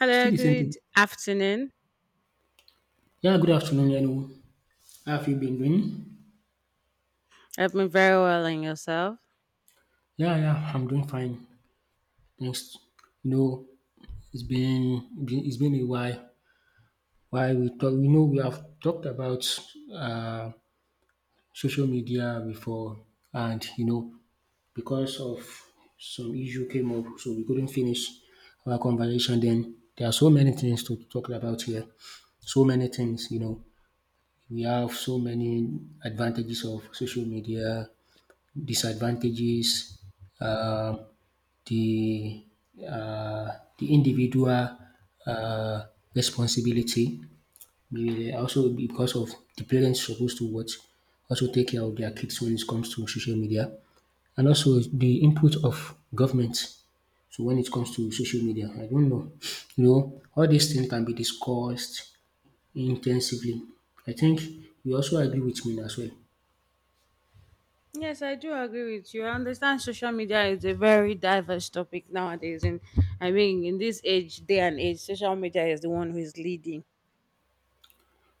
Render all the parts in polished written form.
Hello, Still the same good thing. afternoon. Yeah, good afternoon. Hello. How have you been doing? I've been very well and yourself. Yeah, yeah, I'm doing fine. Thanks. You know, it's been a while. Why we talk? We have talked about uh, social media before, and because of some issue came up, so we couldn't finish our conversation. Then there are so many things to talk about here. So many things. We have so many advantages of social media disadvantages, uh, the uh, the individual uh, responsibility. Also because of the parents supposed to what also take care of their kids when it comes to social media, and also the input of government. So when it comes to social media, I don't know. All these things can be discussed intensively. I think you also agree with me as well. Yes, I do agree with you. I understand social media is a very diverse topic nowadays. And I mean, in this age, day and age, social media is the one who is leading.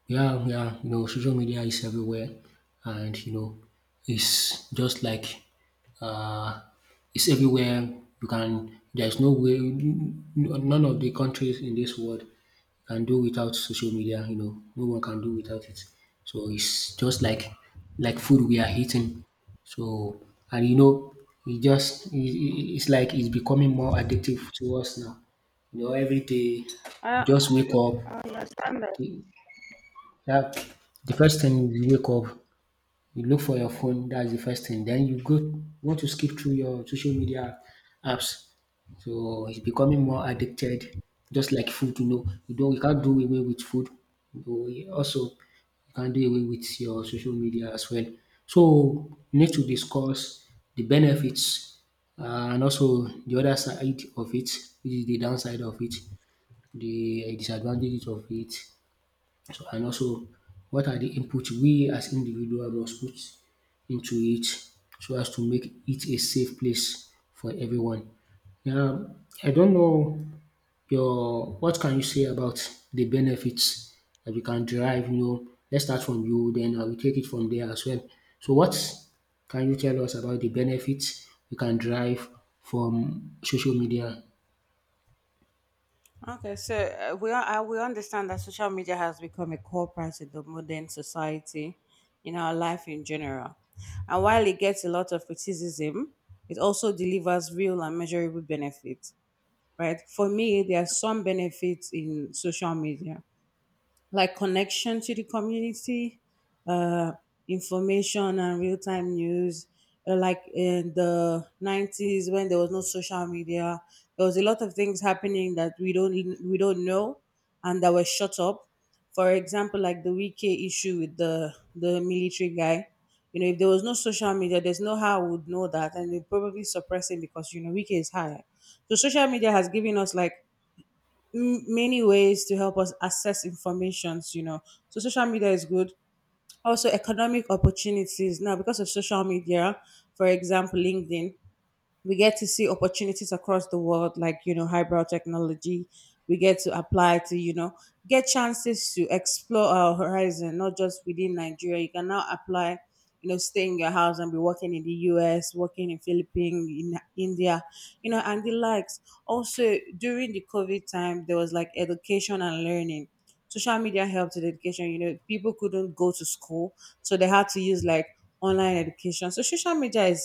Yeah, yeah, social media is everywhere, and it's just like uh, it's everywhere. You can, there's no way, none of the countries in this world can do without social media. No one can do without it. So it's just like food we are eating. So and you know, it just it's becoming more addictive to us now. Every day, you Uh, just wake up, yeah, the first thing you wake up, you look for your phone. That's the first thing. Then you go want to skip through your social media apps. So it's becoming more addicted, just like food. You can't do away with food. Though you can't do away with your social media as well. So you need to discuss the benefits and also the other side of it, which is the downside of it, the disadvantages of it, so and also what are the input we as individual must put into it so as to make it a safe place for everyone. Now I don't know your what can you say about the benefits that you can derive. Let's start from you, then I will take it from there as well. So what can you tell us about the benefits we can derive from social media? okay, so we understand that social media has become a core part of the modern society in our life in general. And while it gets a lot of criticism, it also delivers real and measurable benefits. Right? For me, there are some benefits in social media like connection to the community, uh, information and real time news. Like in the 90s when there was no social media, there was a lot of things happening that we don't know and that were shut up. For example, like the Wiki issue with the military guy. If there was no social media, there's no how we would know that, and they probably suppress him because Wiki is high. So social media has given us like many ways to help us access informations. So social media is good. Also economic opportunities now because of social media, for example, LinkedIn. We get to see opportunities across the world, like, highbrow technology. We get to apply to, get chances to explore our horizon, not just within Nigeria. You can now apply, stay in your house and be working in the US, working in Philippines, in India, and the likes. Also, during the COVID time, there was like education and learning. Social media helped with education, people couldn't go to school, so they had to use like online education. So social media is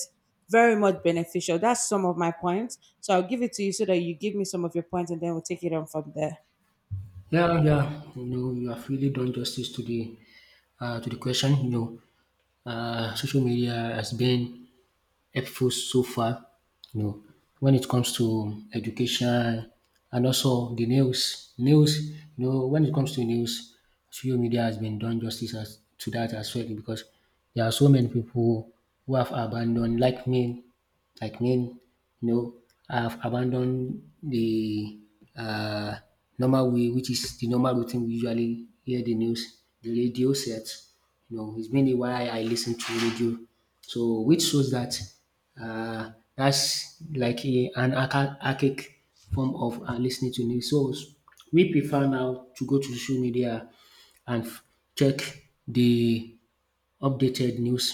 very much beneficial. That's some of my points. So I'll give it to you so that you give me some of your points, and then we'll take it on from there. Yeah, yeah. You have really done justice to the question. Social media has been helpful so far. You know, when it comes to education and also the news. When it comes to news, social media has been done justice as, to that as well because there are so many people who have abandoned, like me like men, you know, I have abandoned the uh normal way which is the normal routine we usually hear the news, the radio sets. It's been a while I listen to radio. So which shows that that's like a an archa archaic form of lis to news. So we prefer now to go to social media and check the updated news,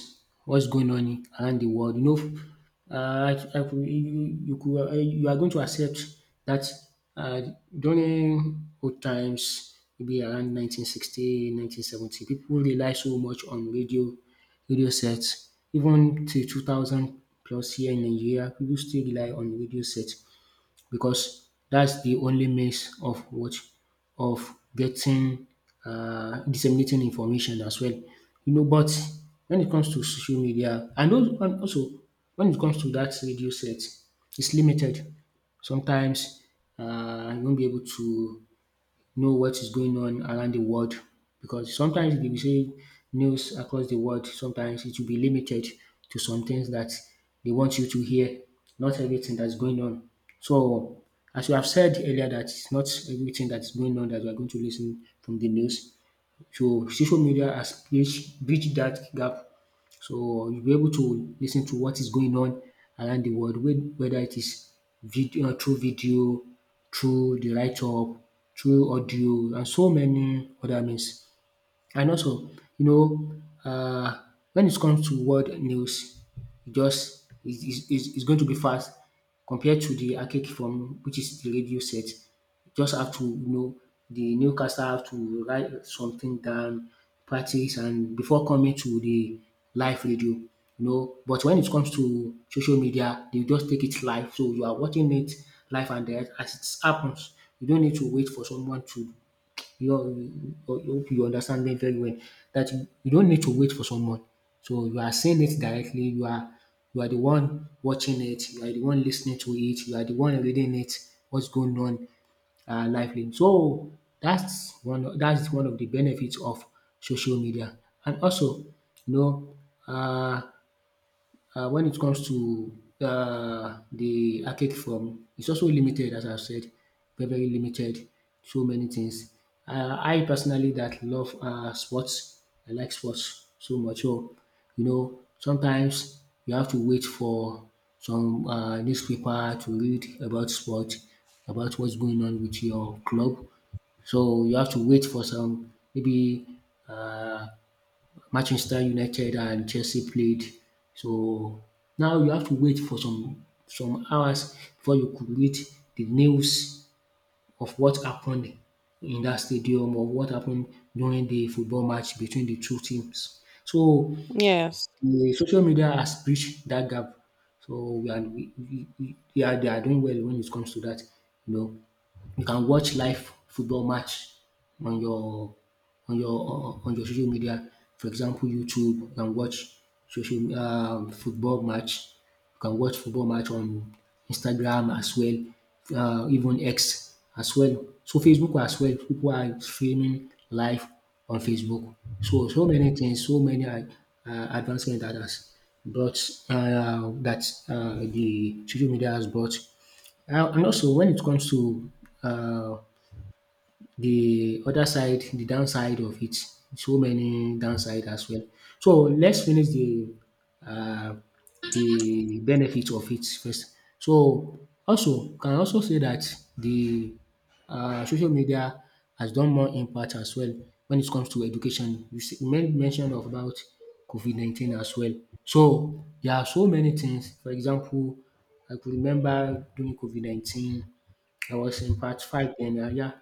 what's going on around the world. You are going to accept that uh, during old times, maybe around 1960, 1970, people rely so much on radio, radio sets. Even till 2000 plus here in Nigeria, people still rely on radio sets because that's the only means of what of getting disseminating information as well. But when it comes to social media and al and also when it comes to that radio set, it's limited. Sometimes you won't be able to know what is going on around the world because sometimes if you say news across the world, sometimes it will be limited to some things that they want you to hear, not everything that's going on. So, as you have said earlier that it's not everything that's going on that we are going to listen from the news. So social media has bridged that gap. So you'll be able to listen to what is going on around the world whether it is video, through the write up, through audio and so many other means. And also, you know, um when it comes to world news, e just is going to be fast compared to the archaic form which is the radio set. Just have to the newscaster have to write something down, practice and before coming to the live radio. But when it comes to social media, they just take it live. So you are watching it live and direct as it happens. You don't need to wait for someone to you you you hope you understand me very well that you don't need to wait for someone. So you are saying it directly. You are the one watching it. You are the one listening to it. You are the one reading it. What's going on lively. So that's one. That's one of the benefits of social media. And also, know, uh, when it comes to the archaic form, it's also limited, as I've said, very, very limited. So many things. I personally that love sports. I like sports so much. So, sometimes you have to wait for some newspaper to read about sport, about what's going on with your club. So you have to wait for some maybe uh, Manchester United and Chelsea played. So now you have to wait for some hours before you could read the news of what happened in that stadium or what happened during the football match between the two teams. So Yes. the social media has bridged that gap. So we are we, yeah, they are doing well when it comes to that, you know. You can watch live football match on your social media. For example, YouTube, you can watch social football match. You can watch football match on Instagram as well, even X as well. So Facebook as well. People are streaming live on Facebook. So many things, so many advancement that has brought that the social media has brought. And also when it comes to uh, the other side, the downside of it, so many downside as well. So let's finish the uh, the benefit of it first. So also can also say that the social media has done more impact as well when it comes to education. You made mention of about COVID 19 as well. So there are so many things. For example, I could remember during COVID 19 I was in part five then. Yeah,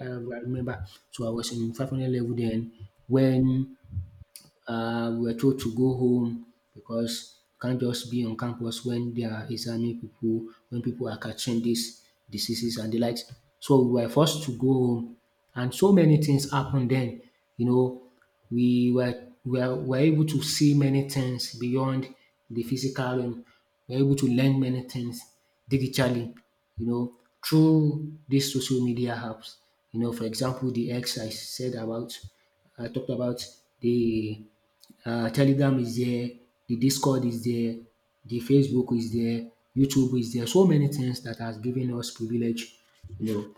I remember. So I was in 500 level then when we were told to go home because you can't just be on campus when they are examining people, when people are catching these diseases and the likes. So we were forced to go home, and so many things happened then. You know, we were able to see many things beyond the physical realm. We were able to learn many things digitally, you know, through these social media apps. For example, the X I said about, I talked about the Telegram is there, the Discord is there, the Facebook is there, YouTube is there. So many things that has given us privilege. You know,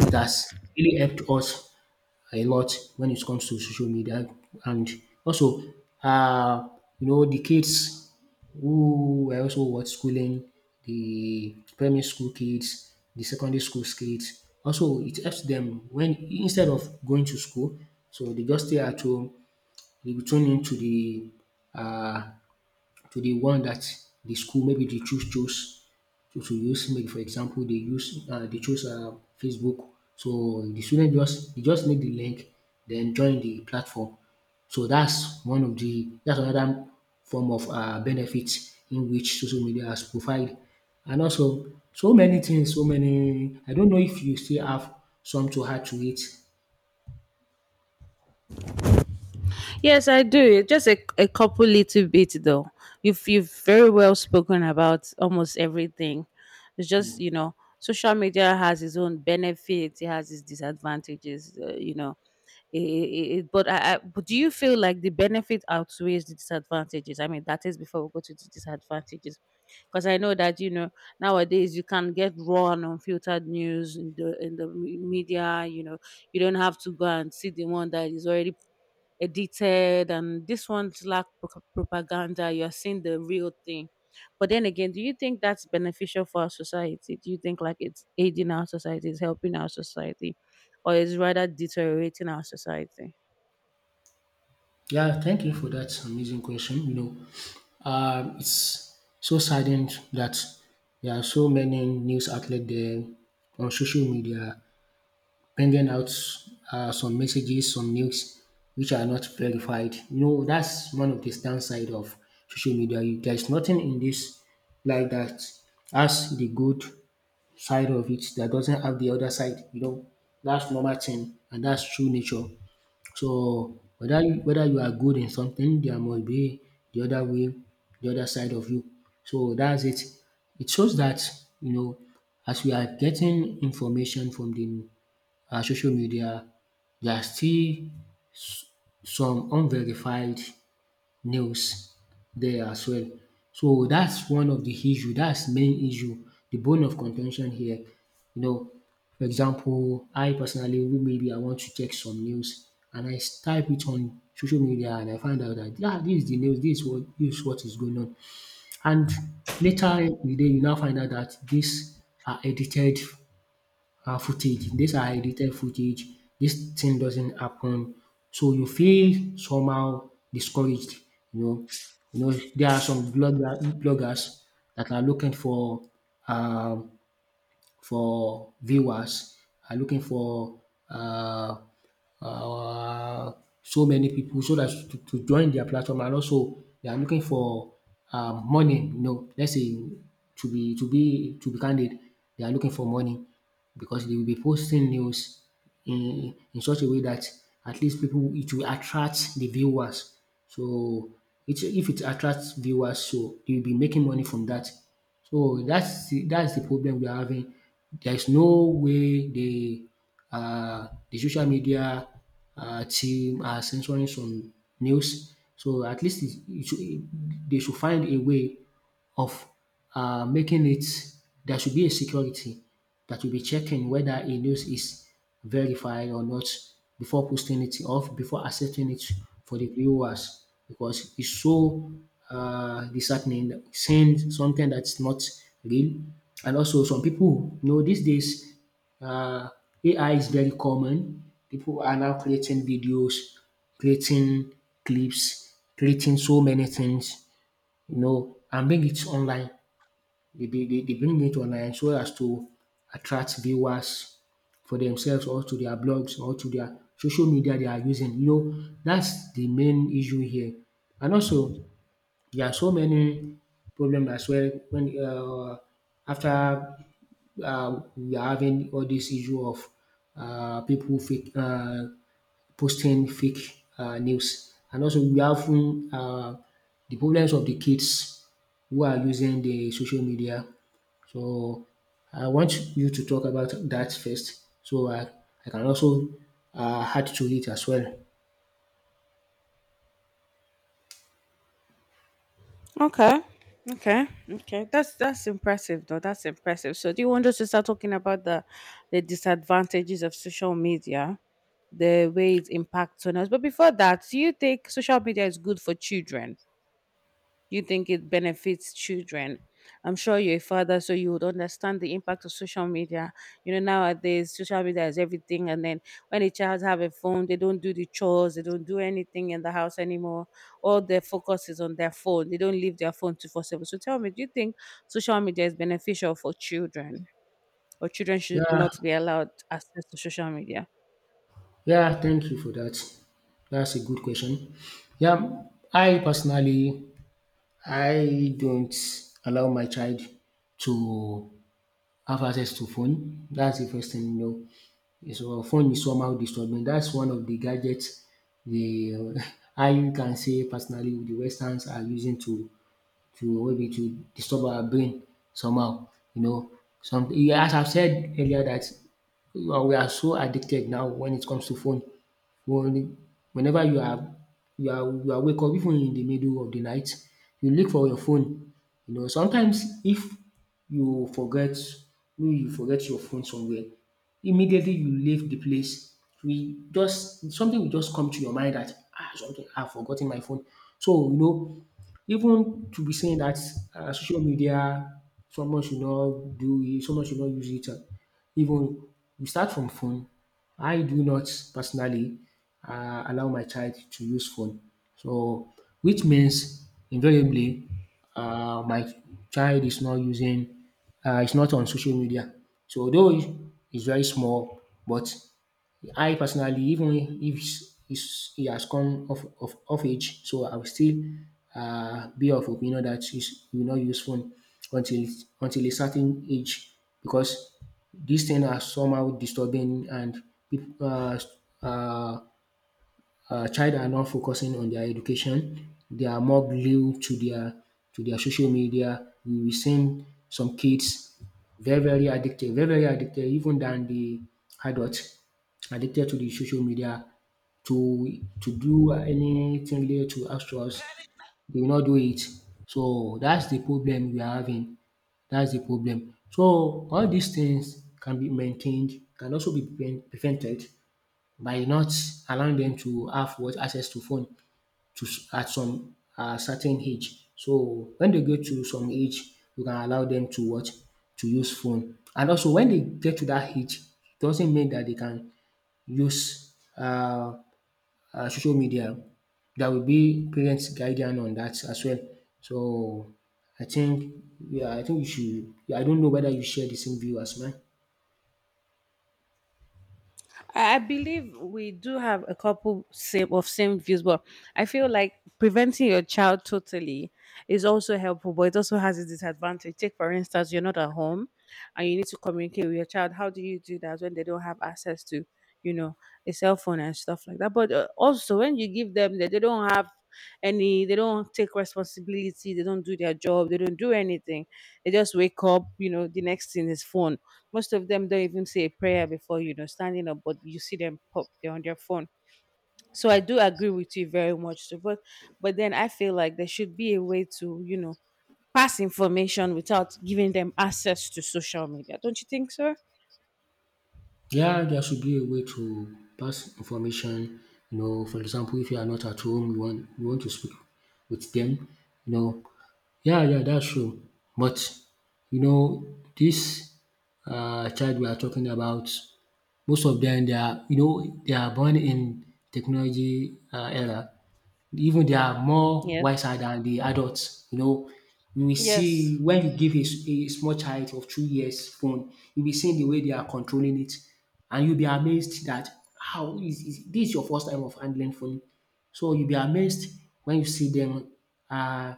it has really helped us a lot when it comes to social media, and also, uh, the kids who were also what schooling, the primary school kids, the secondary school kids. Also, it helps them when instead of going to school, so they just stay at home you tune in to uh the one that the school maybe they choose to use maybe for example they choose Facebook. So the student just they just need the link then join the platform. So that's one of the that's another form of benefit in which social media has provided. And also so many things, so many I don't know if you still have some to add to it? Yes, I do. Just a couple little bits, though. You've very well spoken about almost everything. It's just, social media has its own benefits, it has its disadvantages. It, it, it, but I, but do you feel like the benefit outweighs the disadvantages? I mean, that is before we go to the disadvantages, because I know that nowadays you can get raw and unfiltered news in the media. You don't have to go and see the one that is already edited, and this one's lack propaganda. You're seeing the real thing, but then again, do you think that's beneficial for our society? Do you think like it's aiding our society, it's helping our society, or is rather deteriorating our society? Yeah, thank you for that amazing question. It's so saddened that there are so many news outlets there on social media bringing out some messages, some news which are not verified. That's one of the downside of social media. There's nothing in this like that has the good side of it that doesn't have the other side. That's normal thing and that's true nature. So whether you are good in something, there must be the other way, the other side of you. So that's it. It shows that you know as we are getting information from the social media, there are still some unverified nails there as well. So that's one of the issue, that's main issue, the bone of contention here. You know, for example, I personally maybe I want to check some news and I type it on social media and I find out that yeah, this is the news, this is what is going on. And later in the day you now find out that these are edited footage. These are edited footage. This thing doesn't happen. So you feel somehow discouraged, you know. You know, there are some bloggers that are looking um for viewers, are looking for uh, uh, so many people so that to join their platform and also they are looking for money. You know, let's say to be candid, they are looking for money because they will be posting news in such a way that at least people it will attract the viewers. So if it attracts viewers, so they will be making money from that. So that's the problem we are having. There's no way the social media team are censoring some news. So at least it it should they should find a way of making it. There should be a security that will be checking whether a news is verify or not before posting it or before accepting it for the viewers because it's so disheartening seeing something that's not real. And also, some people, you know, these days, uh, AI is very common. People are now creating videos, creating clips, creating so many things, and bring it online. They bring it online so as to attract viewers for themselves or to their blogs or to their social media they are using. You know, that's the main issue here. And also, there are so many problems as well when after we are having all this issue of people fake. Posting fake news. And also we have the problems of the kids who are using the social media. So I want you to talk about that first. So I can also add to it as well. Okay, okay, okay, that's impressive, though. That's impressive. So do you want us to start talking about the disadvantages of social media, the way it impacts on us? But before that, do you think social media is good for children? You think it benefits children. I'm sure you're a father, so you would understand the impact of social media. Nowadays, social media is everything, and then when a child have a phone, they don't do the chores, they don't do anything in the house anymore. All their focus is on their phone. They don't leave their phone to 4/7. So tell me, do you think social media is beneficial for children, or children should Yeah, not be allowed access to social media? yeah, thank you for that. That's a good question. Yeah, I personally, I don't allow my child to have access to phone. That's the first thing. So phone is somehow disturbing. That's one of the gadgets the how you can say personally the Westerns are using to maybe to disturb our brain somehow. You know, some as I've said earlier that we are so addicted now when it comes to phone. When, Whenever you are wake up even in the middle of the night, you look for your phone. You know, sometimes if you forget maybe you forget your phone somewhere, immediately you leave the place. We just Something will just come to your mind that something I've forgotten my phone. So you know, even to be saying that social media someone should not do it, someone should not use it even we start from phone. I do not personally allow my child to use phone. So, which means invariably, my child is not using, is not on social media. So, although it's very small, but I personally, even if he has come of age, so I will still be of opinion that he will not use phone until until a certain age because these things are somehow disturbing and people uh, child are not focusing on their education. They are more glued to their social media. We will seen some kids very very addicted, even than the adults addicted to the social media to do anything related to astros. They will not do it. So that's the problem we are having. That's the problem. So all these things can be maintained, can also be prevented by not allowing them to have what access to phone at some certain age. So when they get to some age, you can allow them to use phone. And also when they get to that age, it doesn't mean that they can use social media. There will be parents guidance on that as well. So I think yeah, I think you should I don't know whether you share the same view as mine. I believe we do have a couple same of same views, but I feel like preventing your child totally is also helpful, but it also has its disadvantage. Take for instance, you're not at home and you need to communicate with your child. How do you do that when they don't have access to, you know, a cell phone and stuff like that? But also when you give them that, they don't have any, they don't take responsibility, they don't do their job, they don't do anything. They just wake up, the next thing is phone. Most of them don't even say a prayer before, standing up, but you see them pop, they're on their phone. So I do agree with you very much. So, but then I feel like there should be a way to, pass information without giving them access to social media. Don't you think so? Yeah, there should be a way to pass information. You know, for example, if you are not at home, you want to speak with them. You know, yeah, yeah, that's true. But you know, this child we are talking about, most of them they are born in technology era. Even they are more Yes. wiser than the adults, you know. You will see Yes. when you give a small child of 2 years phone, you will see the way they are controlling it, and you'll be amazed that how is this is your first time of handling phone. So you'll be amazed when you see them uh,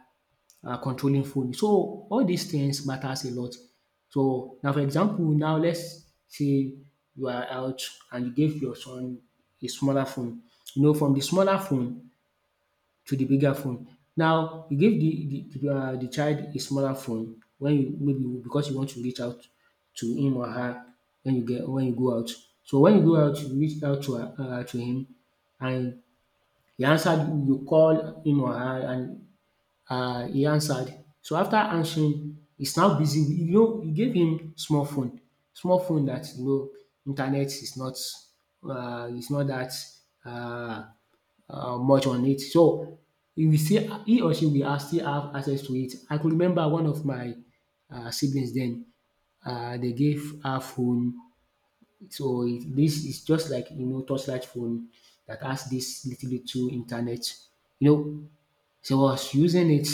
controlling phone. So all these things matters a lot. So now, for example, now let's say you are out and you gave your son a smaller phone. You know, from the smaller phone, to the bigger phone. Now, you give the child a smaller phone when you maybe because you want to reach out to him or her when you go out. So when you go out, you reach out to him and he answered you call him or her and he answered. So after answering, he's now busy. You know, he gave him small phone that internet is not that uh, much on it. So he or she will still have access to it. I could remember one of my siblings then they gave her phone so this is just like torchlight phone that has this little little internet. You know so I was using it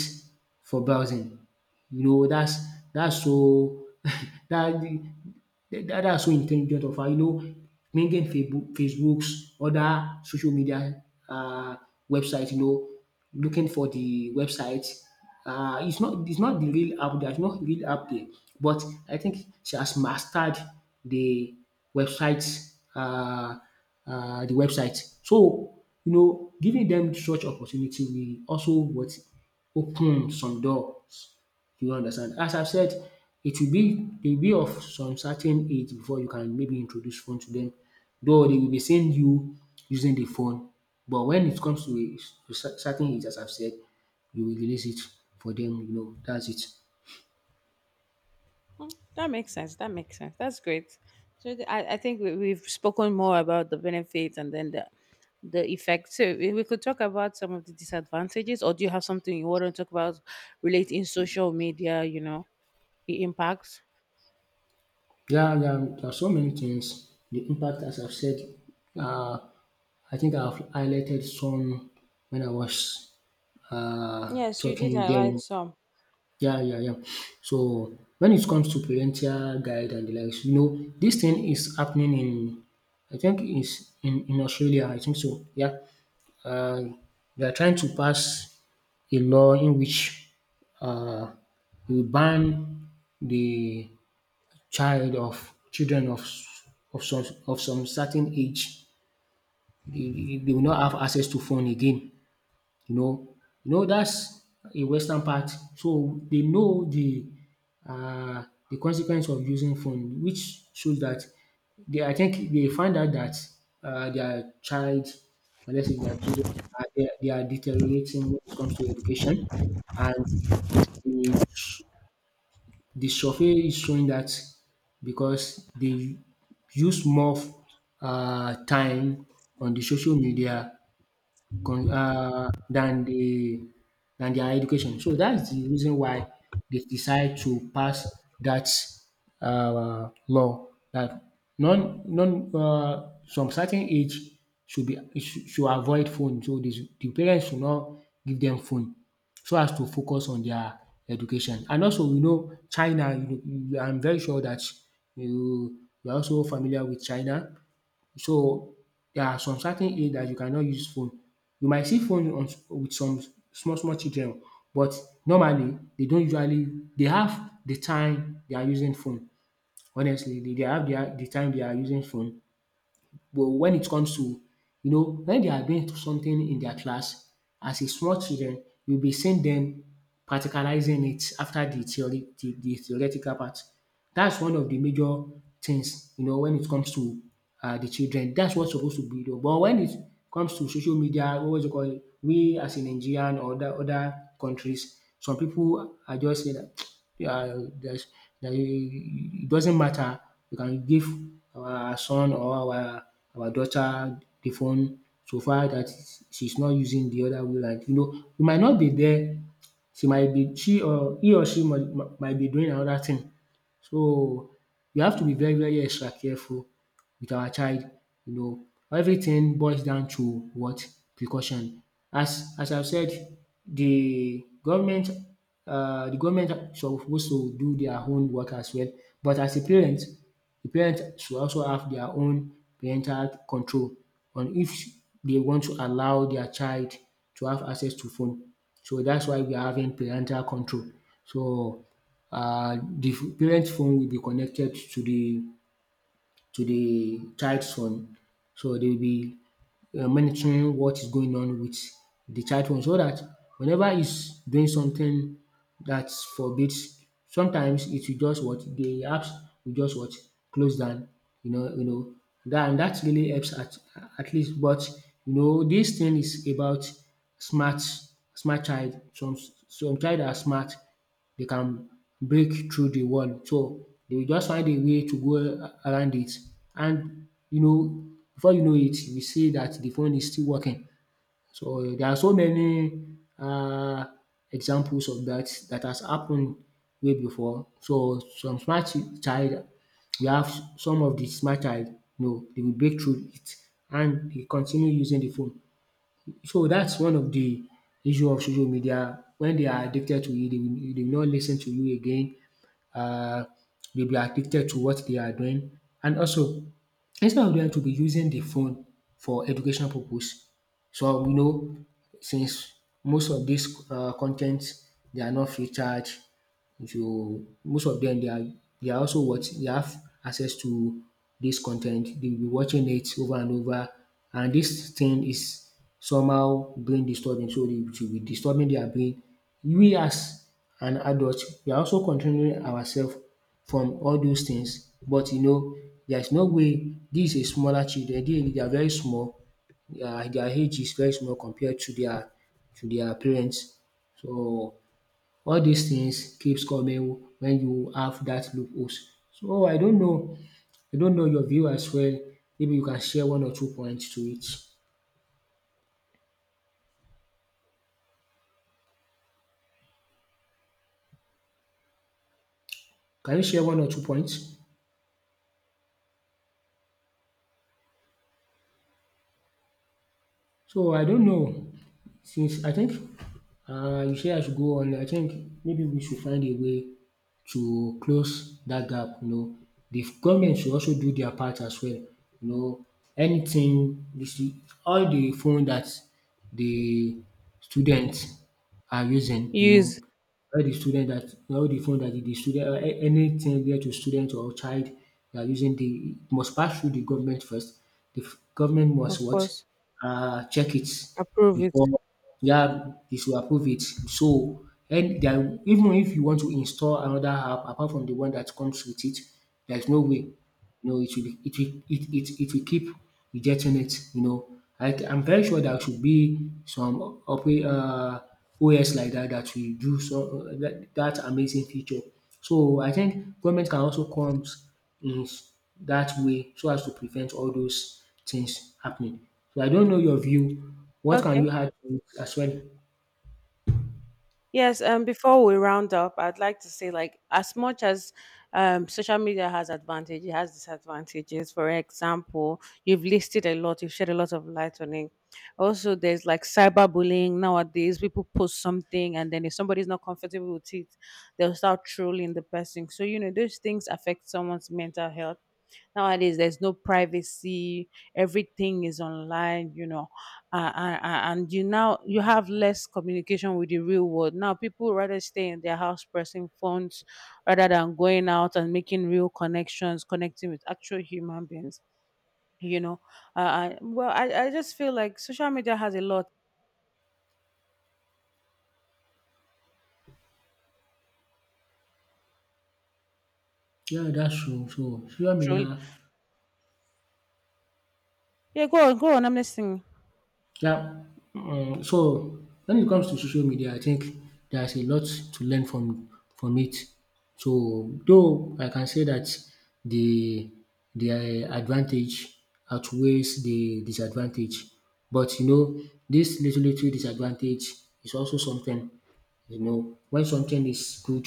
for browsing. You know, that's so that that's so intelligent of her. You know, bringing Facebook's other social media websites. You know, looking for the website. It's not the real app. There's no real app there, but I think she has mastered the website. Uh, the website. So you know giving them such opportunity will also what open some doors you understand. As I have said it will be they will be of some certain age before you can maybe introduce phone to them. Though they will be seeing you using the phone but when it comes to a certain age as I have said you will release it for them. That's it. That makes sense. That makes sense. That's great. So I think we've spoken more about the benefits and then the effects. So we could talk about some of the disadvantages, or do you have something you want to talk about relating social media? The impacts. Yeah, yeah, there are so many things. The impact, as I've said, uh, I think I've highlighted some when I was Yes, you did talking highlight then. some. Yeah, yeah, yeah. So when it comes to parental guide and the likes, you know, this thing is happening in, I think it's in Australia, I think so. Yeah. Uh, they are trying to pass a law in which uh, we ban the child of children of some certain age, they will not have access to phone again, you know. You know that's a western part so they know uh the consequence of using phone which shows that they I think they find out that their child or let's say their children are they are they are deteriorating when it comes to education and they the survey is showing that because they use more of time on the social media con than their education. So that is the reason why they decide to pass that law that non non some certain age should be should avoid phone. So the parents should not give them phone so as to focus on their education. And also we know China, you know, I'm very sure that you are also familiar with China. So, there are some certain age that you cannot use phone. You might see phone with some small small children but normally they don't usually they have the time they are using phone. Honestly, they have the time they are using phone but when it comes to, when they are doing something in their class as a small children, you'll be seeing them practicalizing it after the theoretical part. That's one of the major things, when it comes to the children. That's what's supposed to be done. But when it comes to social media, what you call it, called? We as a Nigerian or other countries, some people are just saying that yeah, there's, that it doesn't matter. We can give our son or our daughter the phone so far that she's not using the other way round. You know, we might not be there, she might be she or he or she might be doing another thing. So we have to be very extra careful with our child. You know, everything boils down to what? Precaution. As I've said, the government the government suppose to do their own work as well, but as a parent the parents should also have their own parental control on if they want to allow their child to have access to phone. So that's why we are having parental control. So the parents' phone will be connected to the child son. So they will be monitoring what is going on with the child one so that whenever he's doing something that forbids, sometimes it will just what the apps will just what close down. You know that and that really helps at least. But you know, this thing is about smart smart child. Some child are smart, they can break through the wall. So they will just find a way to go around it. And you know, before you know it, you see that the phone is still working. So there are so many uh, examples of that that has happened way before. So some smart child, we have some of the smart child, you know, they will break through it and they continue using the phone. So that's one of the issue of social media. When they are addicted to it, they will not listen to you again. Uh, they'll be addicted to what they are doing. And also, instead of them to be using the phone for educational purpose, so we know since most of these con they are not free charge. If you most of them, they are also what they have access to this content. They will be watching it over and over, and this thing is somehow brain disturbing, so they will be disturbing their brain. We as an adult we are also controlling ourselves from all those things, but you know there is no way these is smaller children, they are very small, their age is very small compared to their parents. So all dis things keeps coming when you have dat loopholes. So I don't know your view as well, maybe you can share one or two points to it. Can you share one or two points? So I don't know, since I think you say I should go on, I think maybe we should find a way to close that gap, you know. Di government should also do their part as well, you know. Anytin all the phone that the students are using, you know, Use, all the student that all the phone that the student or anything related to student or child that are using di must pass through the government first. Di government of must what? course, Check it approve it. before, yeah, they should approve it. So, and there are- even if you want to install another app apart from the one that comes with it, there's no way. You know, it will be- it will it will keep rejecting it. You know, I'm very sure there should be some opera, OS like that that will do so that, that amazing feature. So I think government can also comes is that way so as to prevent all those things happening. So I don't know your view, what can Okay. you add to it as well? Yes, before we round up, I'd like to say like as much as social media has advantages, it has disadvantages. For example, you've listed a lot, you've shed a lot of light on it. Also, there's like cyberbullying nowadays. People post something, and then if somebody's not comfortable with it, they'll start trolling the person. So, those things affect someone's mental health. Nowadays, there's no privacy. Everything is online, and you, now you have less communication with the real world. Now people rather stay in their house pressing phones rather than going out and making real connections, connecting with actual human beings. You know, I just feel like social media has a lot. Yeah, that's true. So social media. Truly, yeah. Go on, go on. I'm listening. Yeah. Mm, so when it comes to social media, I think there's a lot to learn from it. So though I can say that the the advantage outweighs the disadvantage, but you know this little disadvantage is also something. You know when something is good,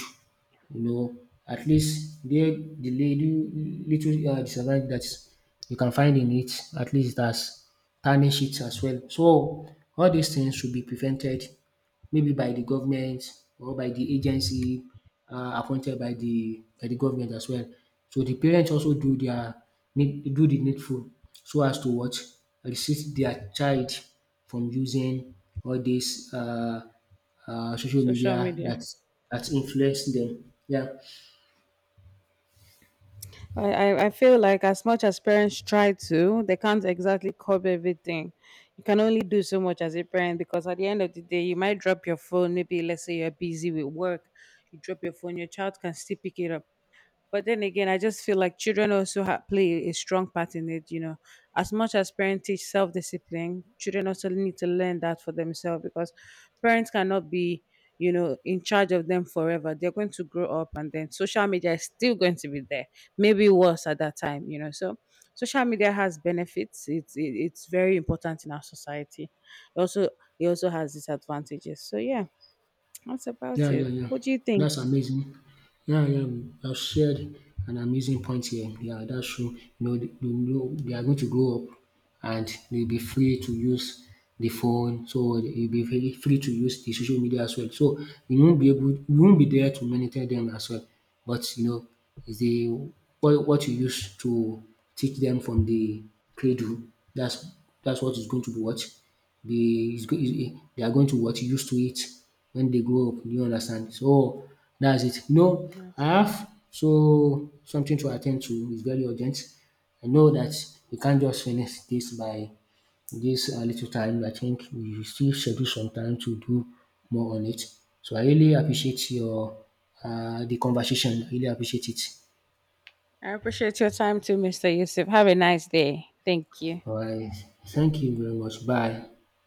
you know, at least there the little, little disadvantage that you can find in it, at least it has tarnished it as well. So all these things should be prevented maybe by the government or by the agency appointed by the government as well. So the parents also do their need do the needful so as to what? Resist their child from using all these social Social media media. that that influence them. Yeah. I feel like as much as parents try to, they can't exactly curb everything. You can only do so much as a parent because at the end of the day, you might drop your phone. Maybe let's say you're busy with work, you drop your phone, your child can still pick it up, but then again, I just feel like children also play a strong part in it. As much as parents teach self discipline, children also need to learn that for themselves because parents cannot be, in charge of them forever. They're going to grow up, and then social media is still going to be there, maybe worse at that time. So social media has benefits. It's very important in our society. Also, it also has disadvantages. So yeah, that's about Yeah, it. yeah, yeah. What do you think? That's amazing. Yeah, yeah. I've shared an amazing point here. Yeah, that's true. You know, they are going to grow up and they'll be free to use the phone. So they'll be very free to use the social media as well. So you won't be able, you won't be there to monitor them as well. But you know, is the what you use to teach them from the cradle. That's that's what is going to be what be is go is they are going to what? Used to it when they grow up. Do you understand? So that's it. No, I have so something to attend to. It's very urgent. I know that we can't just finish this by this little time. I think we still schedule some time to do more on it. So I really appreciate your the conversation. I really appreciate it. I appreciate your time too, Mr. Yusuf. Have a nice day. Thank you. All right. Thank you very much. Bye.